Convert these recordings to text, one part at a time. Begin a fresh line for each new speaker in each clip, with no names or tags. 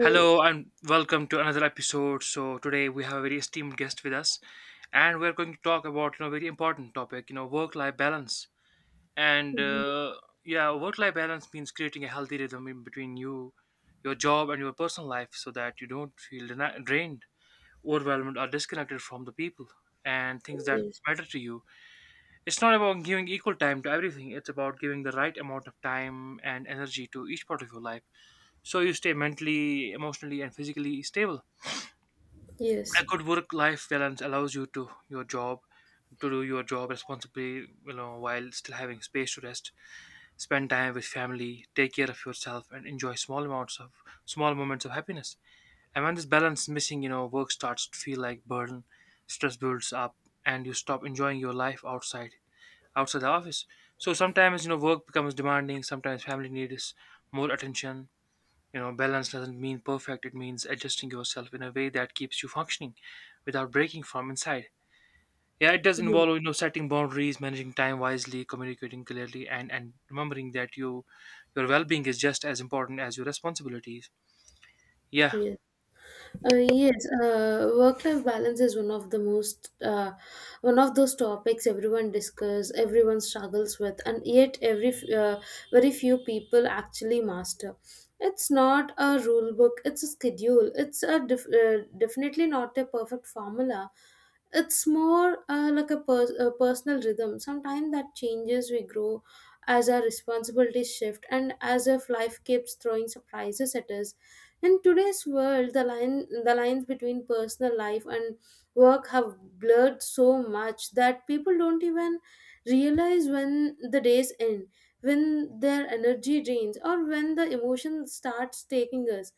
Hello and welcome to another episode. So today we have a very esteemed guest with us, and we're going to talk about, you know, very important topic, you know, work-life balance. And uh, yeah, Work-life balance means creating a healthy rhythm in between you, your job, and your personal life, so that you don't feel drained, overwhelmed, or disconnected from the people and things that
yes,
matter to you. It's not about giving equal time to everything. It's about giving the right amount of time and energy to each part of your life, so you stay mentally, emotionally, and physically stable.
yes,
A good work life balance allows you to your job to do your job responsibly, you know, while still having space to rest, spend time with family, take care of yourself, and enjoy small moments of happiness. And when this balance is missing, you know, work starts to feel like burden, stress builds up, and you stop enjoying your life outside the office. So sometimes, you know, work becomes demanding, sometimes family needs more attention. You know, balance doesn't mean perfect, it means adjusting yourself in a way that keeps you functioning without breaking from inside. Yeah, it does involve, you know, setting boundaries, managing time wisely, communicating clearly, and remembering that your well being is just as important as your responsibilities. Yeah.
yes. Yes, work-life balance is one of those topics everyone discuss, everyone struggles with, and yet very few people actually master. It's not a rule book; it's a schedule. It's definitely not a perfect formula, it's more like a personal rhythm sometimes that changes we grow as our responsibilities shift and as if life keeps throwing surprises at us. In today's world, the lines between personal life and work have blurred so much that people don't even realize when the days end, when their energy drains, or when the emotion starts taking us.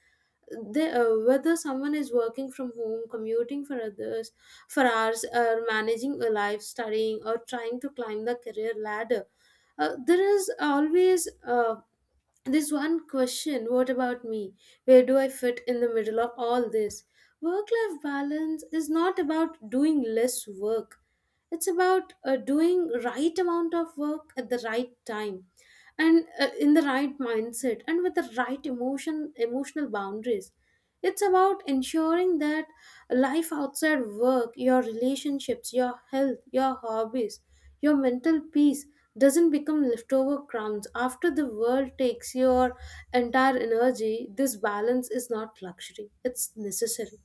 Whether someone is working from home, commuting for others for hours, or managing a life, studying, or trying to climb the career ladder, there is always this one question: what about me? Where do I fit in the middle of all this? Work-life balance is not about doing less work. It's about doing right amount of work at the right time and in the right mindset and with the right emotional boundaries. It's about ensuring that life outside work, your relationships, your health, your hobbies, your mental peace doesn't become leftover crumbs after the world takes your entire energy. This balance is not luxury, it's necessary,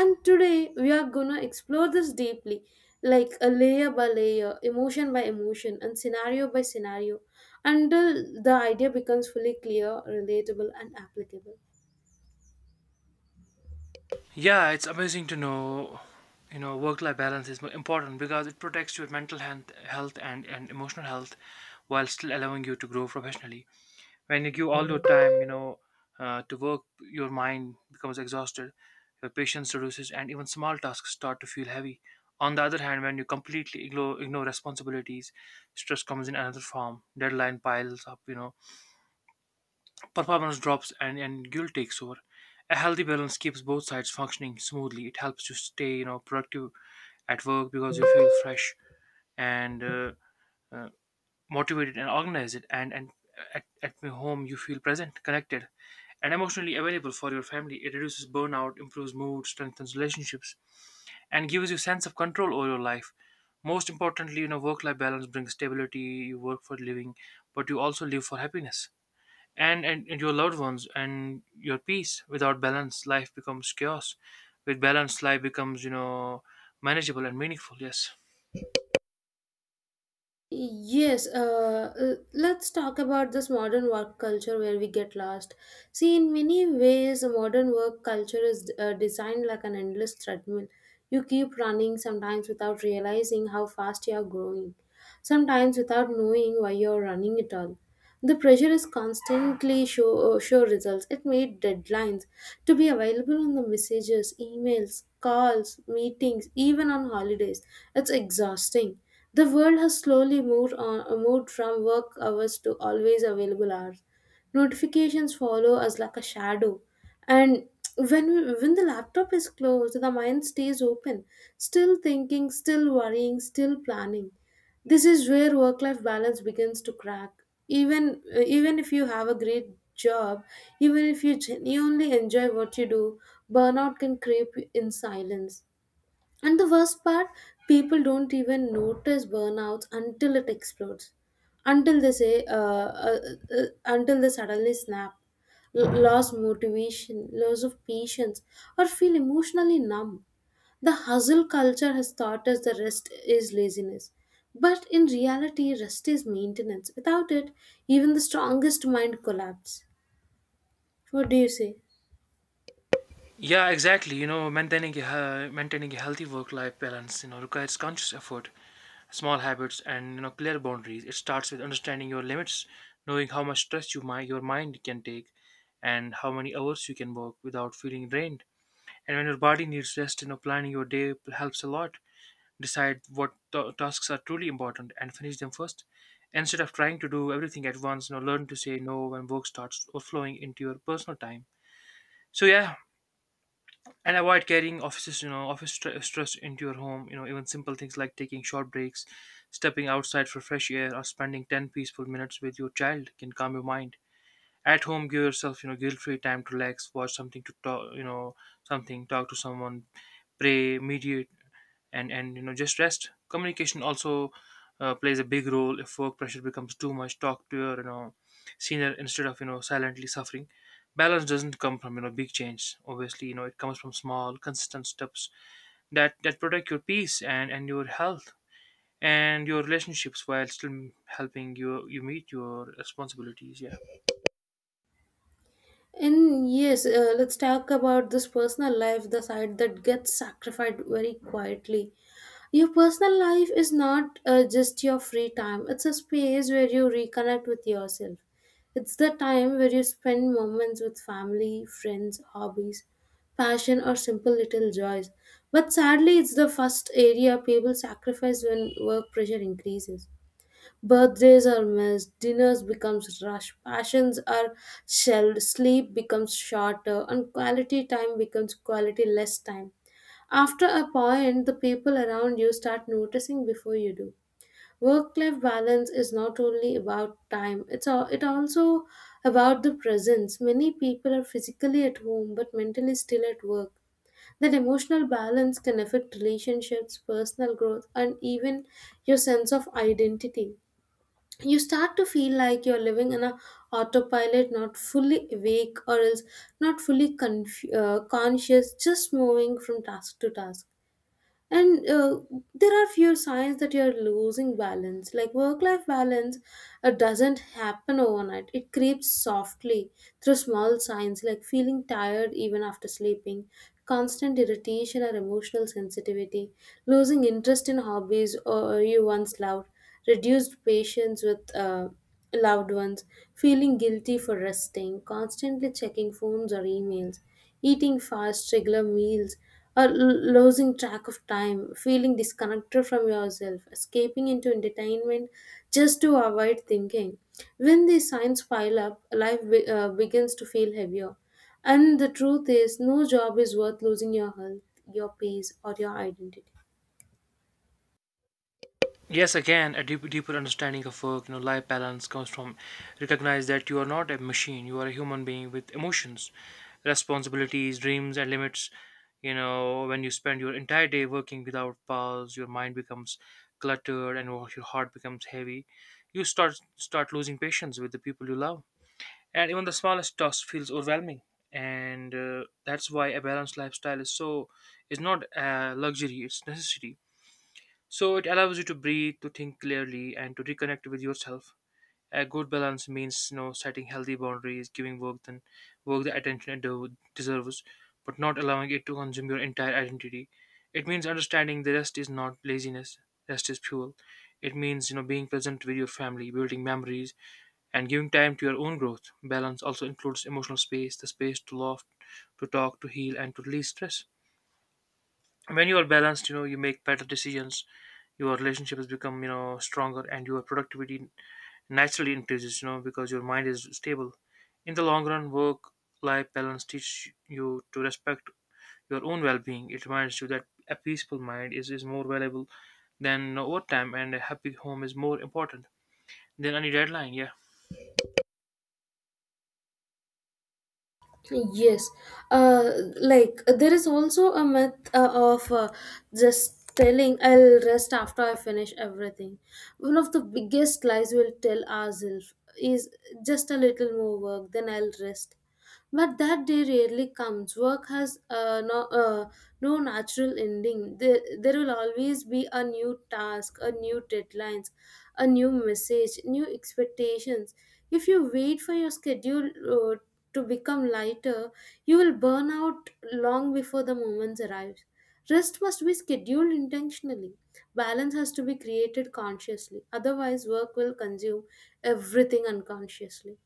and today we are going to explore this deeply, like a layer by layer, emotion by emotion, and scenario by scenario, until the idea becomes fully clear, relatable, and applicable.
Yeah, it's amazing to know, you know, work life balance is important because it protects your mental health and emotional health while still allowing you to grow professionally. When you give all your time, you know, to work, your mind becomes exhausted, your patience reduces, and even small tasks start to feel heavy. On the other hand, when you completely ignore responsibilities, stress comes in another form, deadline piles up, you know, performance drops, and guilt takes over. A healthy balance keeps both sides functioning smoothly. It helps you stay, you know, productive at work because you feel fresh and uh, motivated and organized, and at my home you feel present, connected, and emotionally available for your family. It reduces burnout, improves mood, strengthens relationships, and gives you sense of control over your life. Most importantly, you know, work life balance brings stability. You work for living, but you also live for happiness and your loved ones and your peace. Without balance, life becomes chaos. With balance, life becomes, you know, manageable and meaningful. Yes.
Yes, let's talk about this modern work culture where we get lost. See, in many ways, a modern work culture is designed like an endless treadmill. You keep running sometimes without realizing how fast you are growing, sometimes without knowing why you are running at all. The pressure is constantly show results. It made deadlines to be available on the messages, emails, calls, meetings, even on holidays. It's exhausting. The world has slowly moved from work hours to always available hours. Notifications follow us like a shadow, and when when the laptop is closed, the mind stays open, still thinking, still worrying, still planning. This is where work life balance begins to crack. Even Even if you have a great job, even if you genuinely enjoy what you do, burnout can creep in silence. And the worst part, people don't even notice burnouts until it explodes, until they say, uh, uh, until they suddenly snap, lose motivation, loss of patience, or feel emotionally numb. The hustle culture has taught us that rest is laziness. But in reality, rest is maintenance. Without it, even the strongest mind collapses. What do you say?
Yeah, exactly. You know, maintaining a maintaining a healthy work-life balance, you know, requires conscious effort, small habits, and, you know, clear boundaries. It starts with understanding your limits, knowing how much stress your mind can take, and how many hours you can work without feeling drained. And when your body needs rest, you know, planning your helps a lot. Decide what tasks are truly important and finish them first. Instead of trying to do everything at once, you know, learn to say no when work starts overflowing into your personal time. So yeah, and avoid carrying offices, you know, office stress into your home. You know, even simple things like taking short breaks, stepping outside for fresh air, or spending 10 peaceful minutes with your child can calm your mind. At home, give yourself, you know, guilt free time to relax, watch something, to talk you know something talk to someone, pray, meditate, and just rest. Communication also plays a big role. If work pressure becomes too much, talk to your, you know, senior instead of, you know, silently suffering. Balance doesn't come from, you know, big change. Obviously, you know, it comes from small consistent steps that protect your peace and your health and your relationships while still helping you meet your responsibilities. Yeah.
And yes, let's talk about this personal life, the side that gets sacrificed very quietly. Your personal life is not just your free time, it's a space where you reconnect with yourself. It's the time where you spend moments with family, friends, hobbies, passion, or simple little joys. But sadly, it's the first area people sacrifice when work pressure increases. Birthdays are missed, dinners becomes rush, passions are shelved, sleep becomes shorter, and quality time becomes quality less time. After a point, the people around you start noticing before you do. Work-life balance is not only about time; it also about the presence. Many people are physically at home but mentally still at work. That emotional balance can affect relationships, personal growth, and even your sense of identity. You start to feel like you're living in a autopilot, not fully awake, or else not fully conscious, just moving from task to task. And there are few signs that you're losing balance. Like work life balance doesn't happen overnight, it creeps softly through small signs like feeling tired even after sleeping, constant irritation or emotional sensitivity, losing interest in hobbies or you once loved, reduced patience with loved ones, feeling guilty for resting, constantly checking phones or emails, eating fast, regular meals, or losing track of time, feeling disconnected from yourself, escaping into entertainment just to avoid thinking. When these signs pile up, life begins to feel heavier. And the truth is, no job is worth losing your health, your peace, or your identity.
Yes, again, a deep, deeper understanding of work, you know, life balance comes from recognize that you are not a machine, you are a human being with emotions, responsibilities, dreams, and limits. You know, when you spend your entire day working without pause, your mind becomes cluttered and your heart becomes heavy. You start losing patience with the people you love, and even the smallest task feels overwhelming. And that's why a balanced lifestyle is not a luxury; it's necessity. So it allows you to breathe, to think clearly, and to reconnect with yourself. A good balance means, you know, setting healthy boundaries, giving work the attention it deserves, but not allowing it to consume your entire identity. It means understanding the rest is not laziness, rest is fuel. It means, you know, being present with your family, building memories, and giving time to your own growth. Balance also includes emotional space, the space to laugh, to talk, to heal, and to release stress. When you are balanced, you know, you make better decisions, your relationships become, you know, stronger, and your productivity naturally increases, you know, because your mind is stable. In the long run, work life balance teaches you to respect your own well-being. It reminds you that a peaceful mind is more valuable than overtime, and a happy home is more important than any deadline. Yeah.
Yes, uh, like there is also a myth of just telling I'll rest after I finish everything. One of the biggest lies we'll tell ourselves is just a little more work, then I'll rest. But that day rarely comes. Work has no natural ending. There will always be a new task, a new deadlines, a new message, new expectations. If you wait for your schedule to become lighter, you will burn out long before the moment arrives. Rest must be scheduled intentionally. Balance has to be created consciously. Otherwise, work will consume everything unconsciously.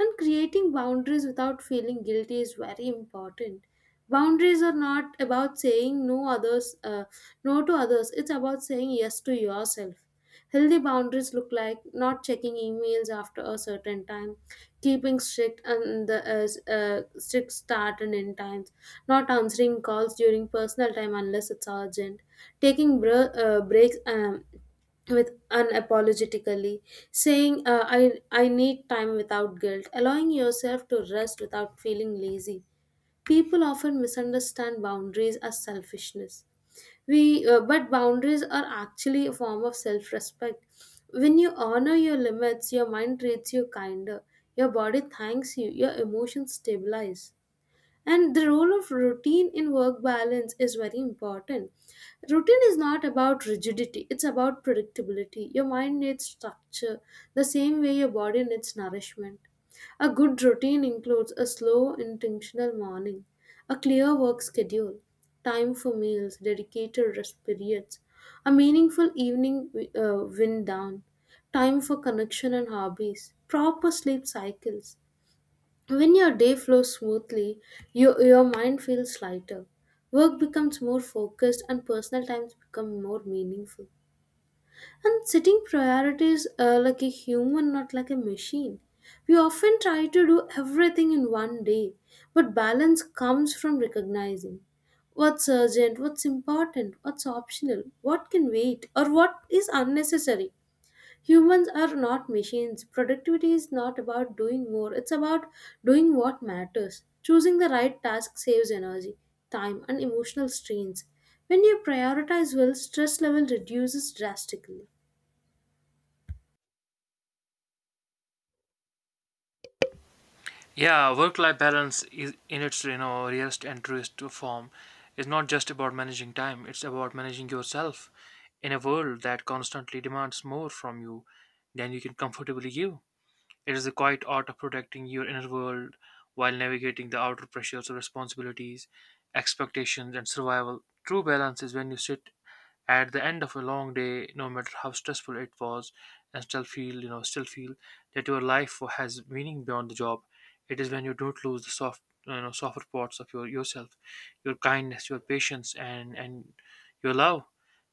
And creating boundaries without feeling guilty is very important. Boundaries are not about saying no others, no to others. It's about saying yes to yourself. Healthy boundaries look like not checking emails after a certain time, keeping strict start and end times, not answering calls during personal time unless it's urgent, taking breaks. With unapologetically saying I need time without guilt, allowing yourself to rest without feeling lazy. People often misunderstand boundaries as selfishness. We But boundaries are actually a form of self-respect. When you honor your limits, your mind treats you kinder, your body thanks you, your emotions stabilize. And the role of routine in work balance is very important. Routine is not about rigidity, it's about predictability. Your mind needs structure the same way your body needs nourishment. A good routine includes a slow, intentional morning, a clear work schedule, time for meals, dedicated rest periods, a meaningful evening wind down, time for connection and hobbies, proper sleep cycles. When your day flows smoothly, your mind feels lighter. Work becomes more focused and personal times become more meaningful. And setting priorities like a human, not like a machine. We often try to do everything in one day, but balance comes from recognizing what's urgent, what's important, what's optional, what can wait, or what is unnecessary. Humans are not machines. Productivity is not about doing more, it's about doing what matters. Choosing the right task saves energy, time, and emotional strains. When you prioritize well, stress level reduces drastically.
Yeah, work-life balance is in its, you know, realist and truest form is not just about managing time, it's about managing yourself in a world that constantly demands more from you than you can comfortably give. It is a quiet art of protecting your inner world while navigating the outer pressures of responsibilities, expectations, and survival. True balance is when you sit at the end of a long day, no matter how stressful it was, and still feel that your life has meaning beyond the job. It is when you don't lose the soft, you know, softer parts of your yourself, your kindness, your patience, and your love.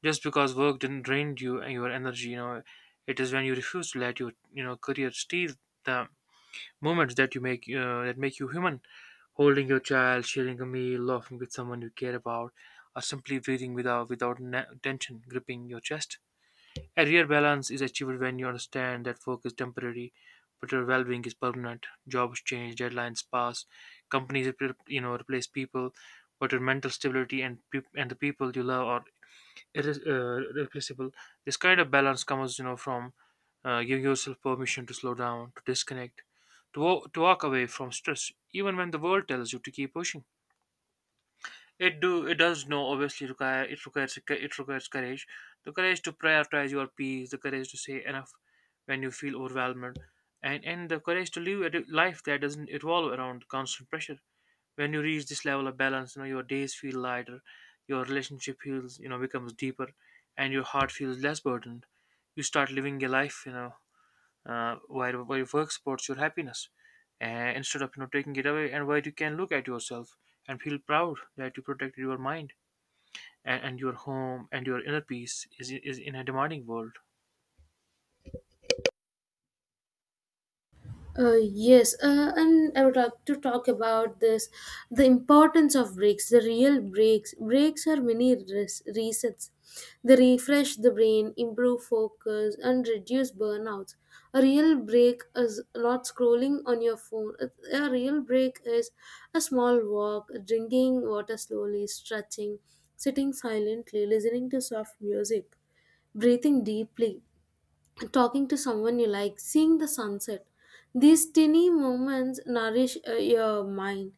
Just because work didn't drain you and your energy, you know, it is when you refuse to let your, you know, career steal the moments that you make that make you human. Holding your child, sharing a meal, laughing with someone you care about, or simply breathing without tension gripping your chest. A real balance is achieved when you understand that work is temporary, but your well-being is permanent. Jobs change, deadlines pass, companies replace people, but your mental stability and peop and the people you love are, it is replaceable. This kind of balance comes, you know, from giving yourself permission to slow down, to disconnect, to walk away from stress, even when the world tells you to keep pushing. It do it does no obviously require it requires It requires courage, the courage to prioritize your peace, the courage to say enough when you feel overwhelmed, and the courage to live a life that doesn't revolve around constant pressure. When you reach this level of balance, you know, your days feel lighter, your relationship feels, you know, becomes deeper, and your heart feels less burdened. You start living a life, you know, where your work supports your happiness and instead of, you know, taking it away, and where you can look at yourself and feel proud that you protected your mind and your home, and your inner peace is in a demanding world.
Yes, and I would like to talk about this the importance of breaks, the real breaks. Breaks are many resets. They refresh the brain, improve focus, and reduce burnouts. A real break is not scrolling on your phone. A real break is a small walk, drinking water slowly, stretching, sitting silently, listening to soft music, breathing deeply, talking to someone you like, seeing the sunset. These tiny moments nourish your mind.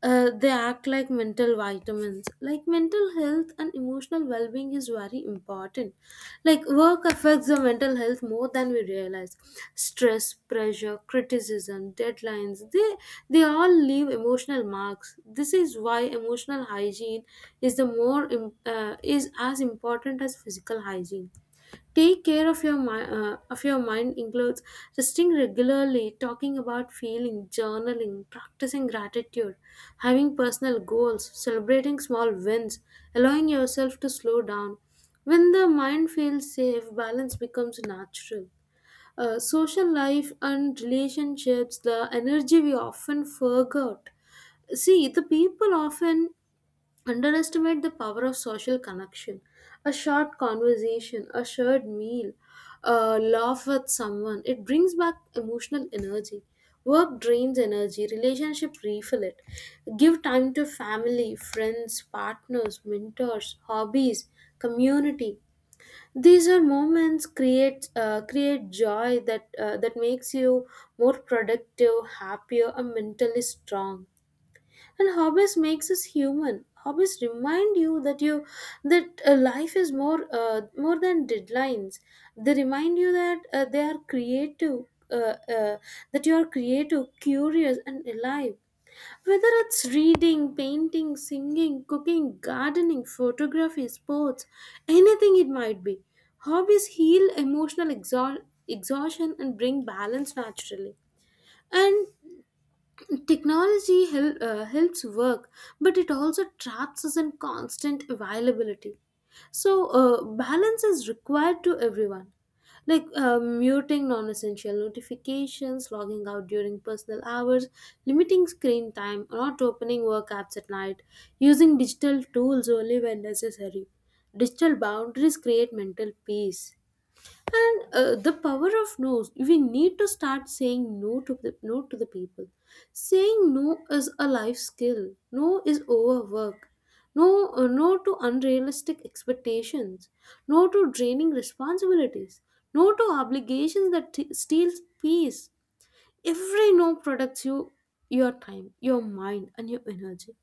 They act like mental vitamins. Like mental health and emotional well being is very important. Like work affects the mental health more than we realize. Stress, pressure, criticism, deadlines, they all leave emotional marks. This is why emotional hygiene is the more im- is as important as physical hygiene. Take care of your mind. Of your mind includes resting regularly, talking about feeling, journaling, practicing gratitude, having personal goals, celebrating small wins, allowing yourself to slow down. When the mind feels safe, balance becomes natural. Social life and relationships, the energy we often forgot. See, the people often underestimate the power of social connection. A short conversation, a shared meal, a laugh with someone, it brings back emotional energy. Work drains energy, relationship refill it. Give time to family, friends, partners, mentors, hobbies, community. These are moments create joy that that makes you more productive, happier, and mentally strong. And hobbies makes us human. Hobbies remind you that life is more than deadlines. They remind you uh, uh, that you are creative, curious, and alive. Whether it's reading, painting, singing, cooking, gardening, photography, sports, anything it might be, hobbies heal emotional exhaustion and bring balance naturally. And technology helps work, but it also traps us in constant availability. So, balance is required to everyone. Like muting non essential notifications, logging out during personal hours, limiting screen time, not opening work apps at night, using digital tools only when necessary. Digital boundaries create mental peace. And the power of no's, we need to start saying no to the people. Saying no is a life skill. No is overwork. No to unrealistic expectations. No to draining responsibilities. No to obligations that steals peace. Every no protects you, your time, your mind, and your energy.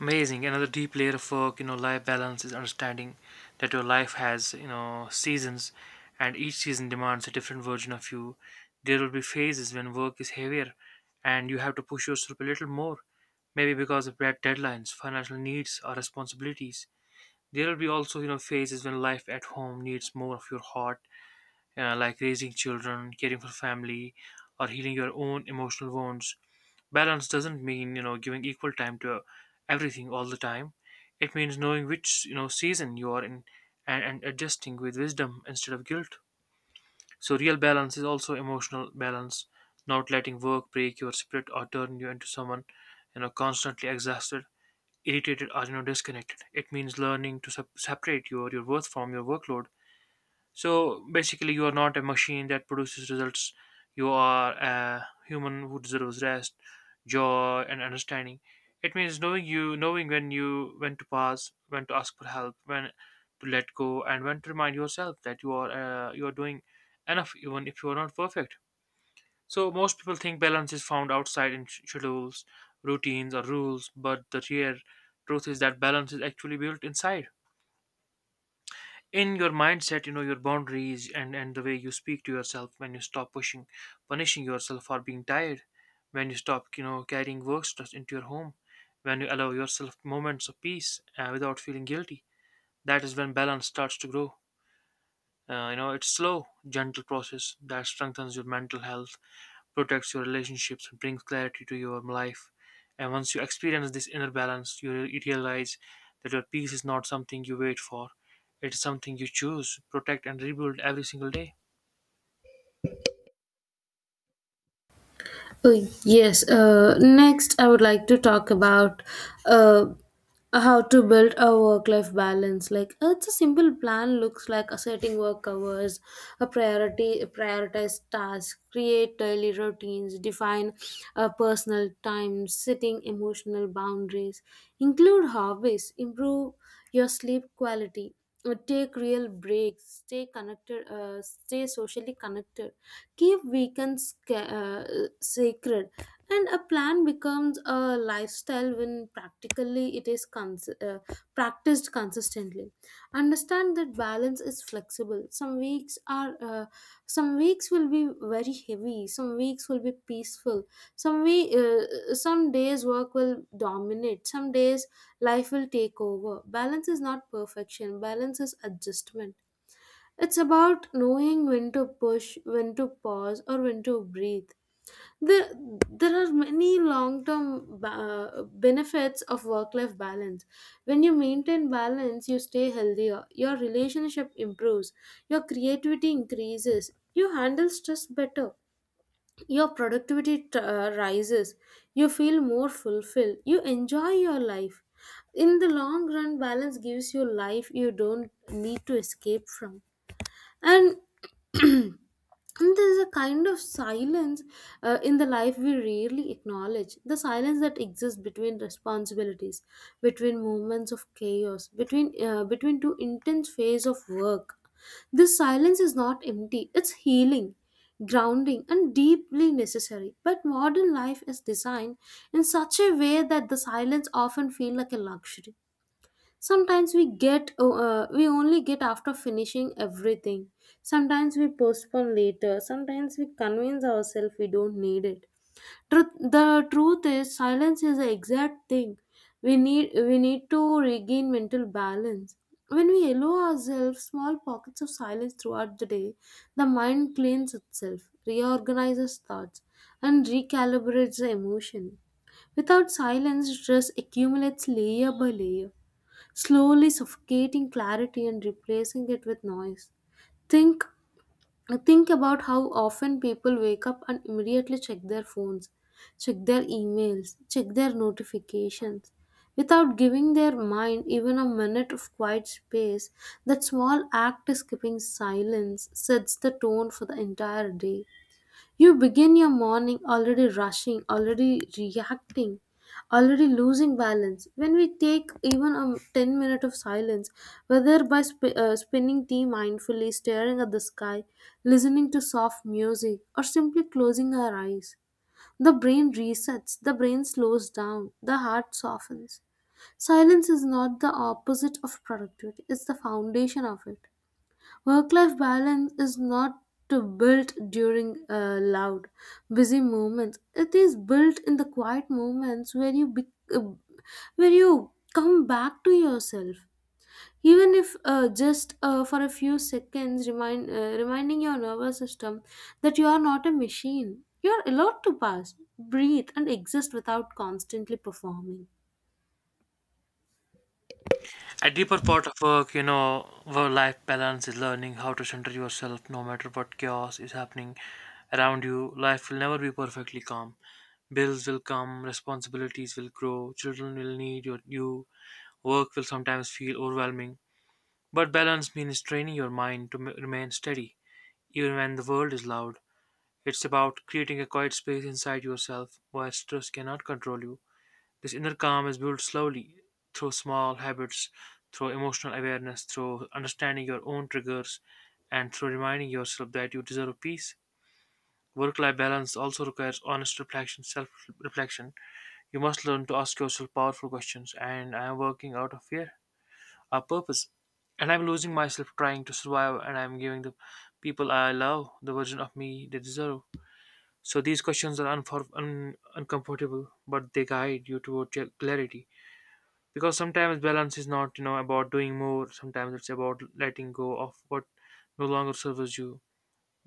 Amazing. Another deep layer of work, you know, life balance is understanding that your life has, you know, seasons, and each season demands a different version of you. There will be phases when work is heavier and you have to push yourself a little more, maybe because of deadlines, financial needs, or responsibilities. There will be also, you know, phases when life at home needs more of your heart, like raising children, caring for family, or healing your own emotional wounds. Balance doesn't mean, you know, giving equal time to everything all the time. It means knowing which, you know, season you are in, and adjusting with wisdom instead of guilt. So real balance is also emotional balance, not letting work break your spirit or turn you into someone, you know, constantly exhausted, irritated, or, you know, disconnected. It means learning to separate your worth from your workload. So basically, you are not a machine that produces results. You are a human who deserves rest, joy, and understanding. It means knowing when to pause, when to ask for help, when to let go, and when to remind yourself that you are doing enough, even if you are not perfect. So most people think balance is found outside in schedules, routines, or rules, but the real truth is that balance is actually built inside in your mindset, you know, your boundaries and the way you speak to yourself. When you stop pushing, punishing yourself for being tired, when you stop, you know, carrying work stress into your home, when you allow yourself moments of peace without feeling guilty, that is when balance starts to grow. You know, it's slow gentle process that strengthens your mental health, protects your relationships, and brings clarity to your life. And once you experience this inner balance, you realize that your peace is not something you wait for. It is something you choose, protect, and rebuild every single day.
Oh, yes. Next, I would like to talk about uh, how to build a work-life balance. It's a simple plan. Looks like a setting work hours, prioritize tasks, create daily routines, define personal time, setting emotional boundaries, include hobbies, improve your sleep quality, take real breaks, stay connected, stay socially connected, keep weekends sacred. And a plan becomes a lifestyle when practically it is cons- practiced consistently. Understand that balance is flexible. Some weeks will be very heavy, some weeks will be peaceful, some we some days work will dominate, some days life will take over. Balance is not perfection, balance is adjustment. It's about knowing when to push, when to pause, or when to breathe. There, there are many long term benefits of work life balance. When you maintain balance, you stay healthier, your relationship improves, your creativity increases, you handle stress better, your productivity rises, you feel more fulfilled, you enjoy your life. In the long run, balance gives you life you don't need to escape from, and and there's a kind of silence in the life. We rarely acknowledge the silence that exists between responsibilities, between moments of chaos, between two intense phases of work. This silence is not empty, it's healing, grounding and deeply necessary. But modern life is designed in such a way that the silence often feels like a luxury. Sometimes we we only get after finishing everything, sometimes we postpone later, sometimes we convince ourselves we don't need it. Truth the truth is silence is the exact thing we need. We need to regain mental balance. When we allow ourselves small pockets of silence throughout the day, the mind cleans itself, reorganizes thoughts and recalibrates the emotion. Without silence, stress accumulates layer by layer, slowly suffocating clarity and replacing it with noise. Think think about how often people wake up and immediately check their phones, check their emails, check their notifications. Without giving their mind even a minute of quiet space, that small act of skipping silence sets the tone for the entire day. You begin your morning already rushing, already reacting, already losing balance. When we take even a 10 minute of silence, whether by spinning tea mindfully, staring at the sky, listening to soft music, or simply closing our eyes, the brain resets, the brain slows down, the heart softens. Silence is not the opposite of productivity, it's the foundation of it. Work life balance is not to built during loud, busy moments. It is built in the quiet moments uh, where you come back to yourself. Even if just for a few seconds, reminding your nervous system that you are not a machine. You are allowed to pass, breathe, and exist without constantly performing.
A deeper part of work, you know, work life balance is learning how to center yourself no matter what chaos is happening around you. Life will never be perfectly calm. Bills will come, responsibilities will grow, children will need you. Work will sometimes feel overwhelming. But balance means training your mind to remain steady, even when the world is loud. It's about creating a quiet space inside yourself where stress cannot control you. This inner calm is built slowly through small habits, through emotional awareness, through understanding your own triggers, and through reminding yourself that you deserve peace. Work life balance also requires honest reflection, self reflection. You must learn to ask yourself powerful questions. And I am working out of fear? A purpose. And I'm losing myself trying to survive, and I'm giving the people I love the version of me they deserve. So these questions are uncomfortable, but they guide you toward clarity. Because sometimes balance is not, you know, about doing more. Sometimes it's about letting go of what no longer serves you.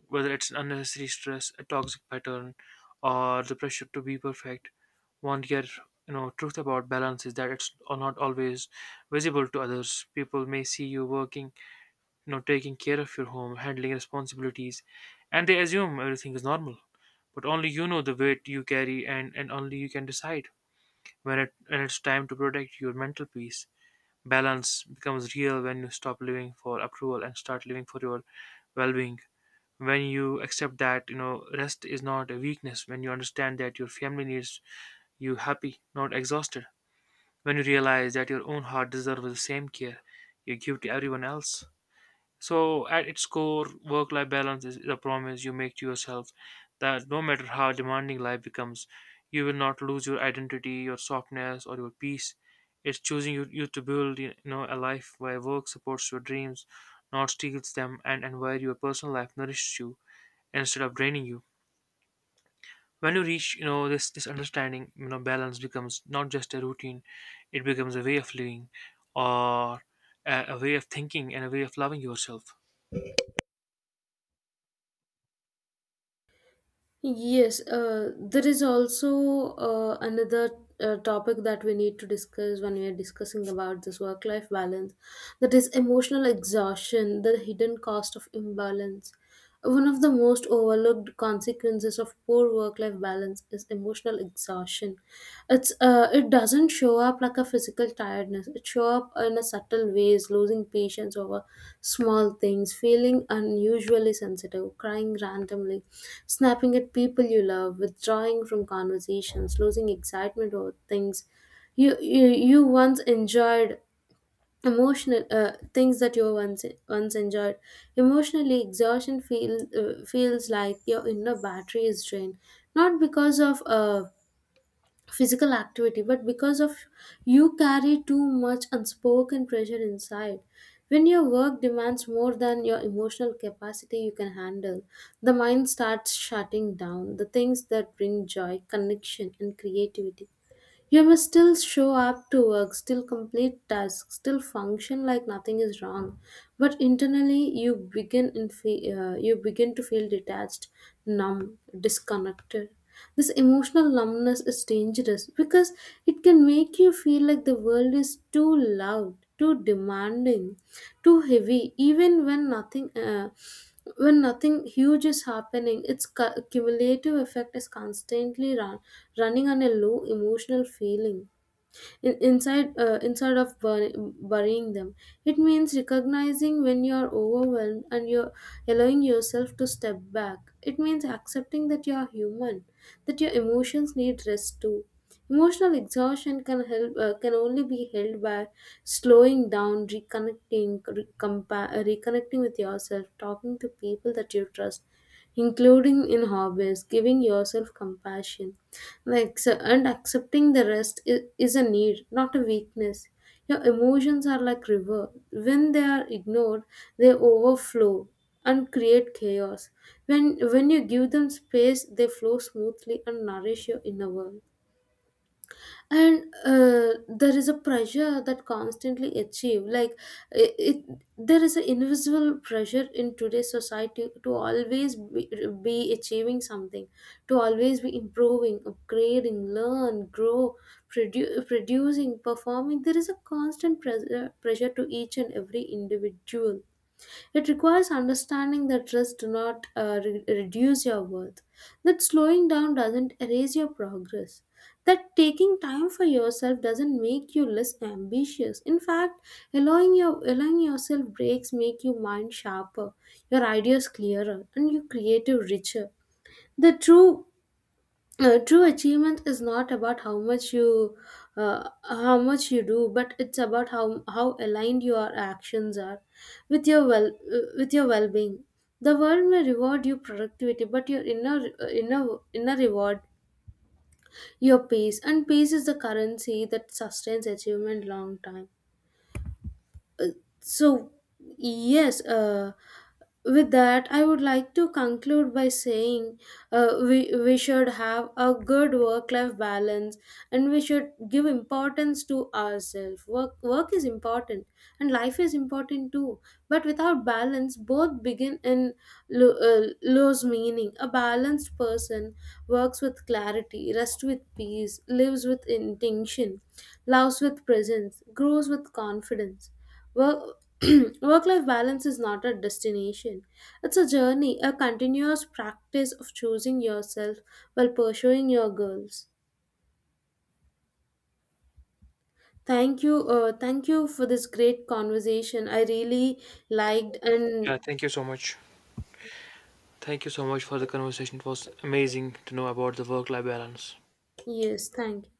Whether it's unnecessary stress, a toxic pattern, or the pressure to be perfect. One year, you know, truth about balance is that it's not always visible to others. People may see you working, you know, taking care of your home, handling responsibilities, and they assume everything is normal, but only you know the weight you carry, and only you can decide when it's time to protect your mental peace. Balance becomes real when you stop living for approval and start living for your well-being, when you accept that, you know, rest is not a weakness, when you understand that your family needs you happy, not exhausted, when you realize that your own heart deserves the same care you give to everyone else. So, at its core, work life balance is a promise you make to yourself that no matter how demanding life becomes, you will not lose your identity, your softness, or your peace. It's choosing you to build, you know, a life where work supports your dreams, not steals them, and where your personal life nourishes you instead of draining you. When you reach, you know, this understanding, you know, balance becomes not just a routine, it becomes a way of living, or a way of thinking and a way of loving yourself.
Yes, there is also another topic that we need to discuss when we are discussing about this work life balance, that is emotional exhaustion, the hidden cost of imbalance. One of the most overlooked consequences of poor work-life balance is emotional exhaustion. It doesn't show up like a physical tiredness. It shows up in a subtle ways, losing patience over small things, feeling unusually sensitive, crying randomly, snapping at people you love, withdrawing from conversations, losing excitement over things you once enjoyed. Emotional Things that you once enjoyed emotionally. Exhaustion feels like your inner battery is drained, not because of physical activity but because of you carry too much unspoken pressure inside. When your work demands more than your emotional capacity you can handle, the mind starts shutting down the things that bring joy, connection and creativity. You must still show up to work, still complete tasks, still function like nothing is wrong. But internally, you begin to feel detached, numb, disconnected. This emotional numbness is dangerous because it can make you feel like the world is too loud, too demanding, too heavy, even when nothing huge is happening. Its cumulative effect is running on a low emotional feeling inside instead of burying them. It means recognizing when you are overwhelmed and you're allowing yourself to step back. It means accepting that you are human, that your emotions need rest too. Emotional exhaustion can only be held by slowing down, reconnecting, reconnecting with yourself, talking to people that you trust, including in hobbies, giving yourself compassion, like so, and accepting the rest is a need not a weakness. Your emotions are like river. When they are ignored, they overflow and create chaos. When you give them space, they flow smoothly and nourish your inner world. And there is a pressure that constantly achieve, like it, there is an invisible pressure in today's society to always be achieving something, to always be improving, upgrading, learn, grow, producing, performing. There is a constant pressure to each and every individual. It requires understanding that risks do not reduce your worth, that slowing down doesn't erase your progress, that taking time for yourself doesn't make you less ambitious. In fact, allowing yourself breaks make your mind sharper, your ideas clearer, and your creative richer. The true achievement is not about how much you do, but it's about how aligned your actions are with your well with your well-being. The world may reward you productivity, but your inner reward, your peace, and peace is the currency that sustains achievement long time. So yes, with that, I would like to conclude by saying we should have a good work life balance and we should give importance to ourselves. Work is important and life is important too. But without balance, both begin and lose meaning. A balanced person works with clarity, rests with peace, lives with intention, loves with presence, grows with confidence. Work, Work life balance is not a destination, it's a journey, a continuous practice of choosing yourself while pursuing your goals. Thank you for this great conversation. I really liked.
Yeah,
And
thank you so much. Thank you so much for the conversation. It was amazing to know about the work life balance.
yes, thank you.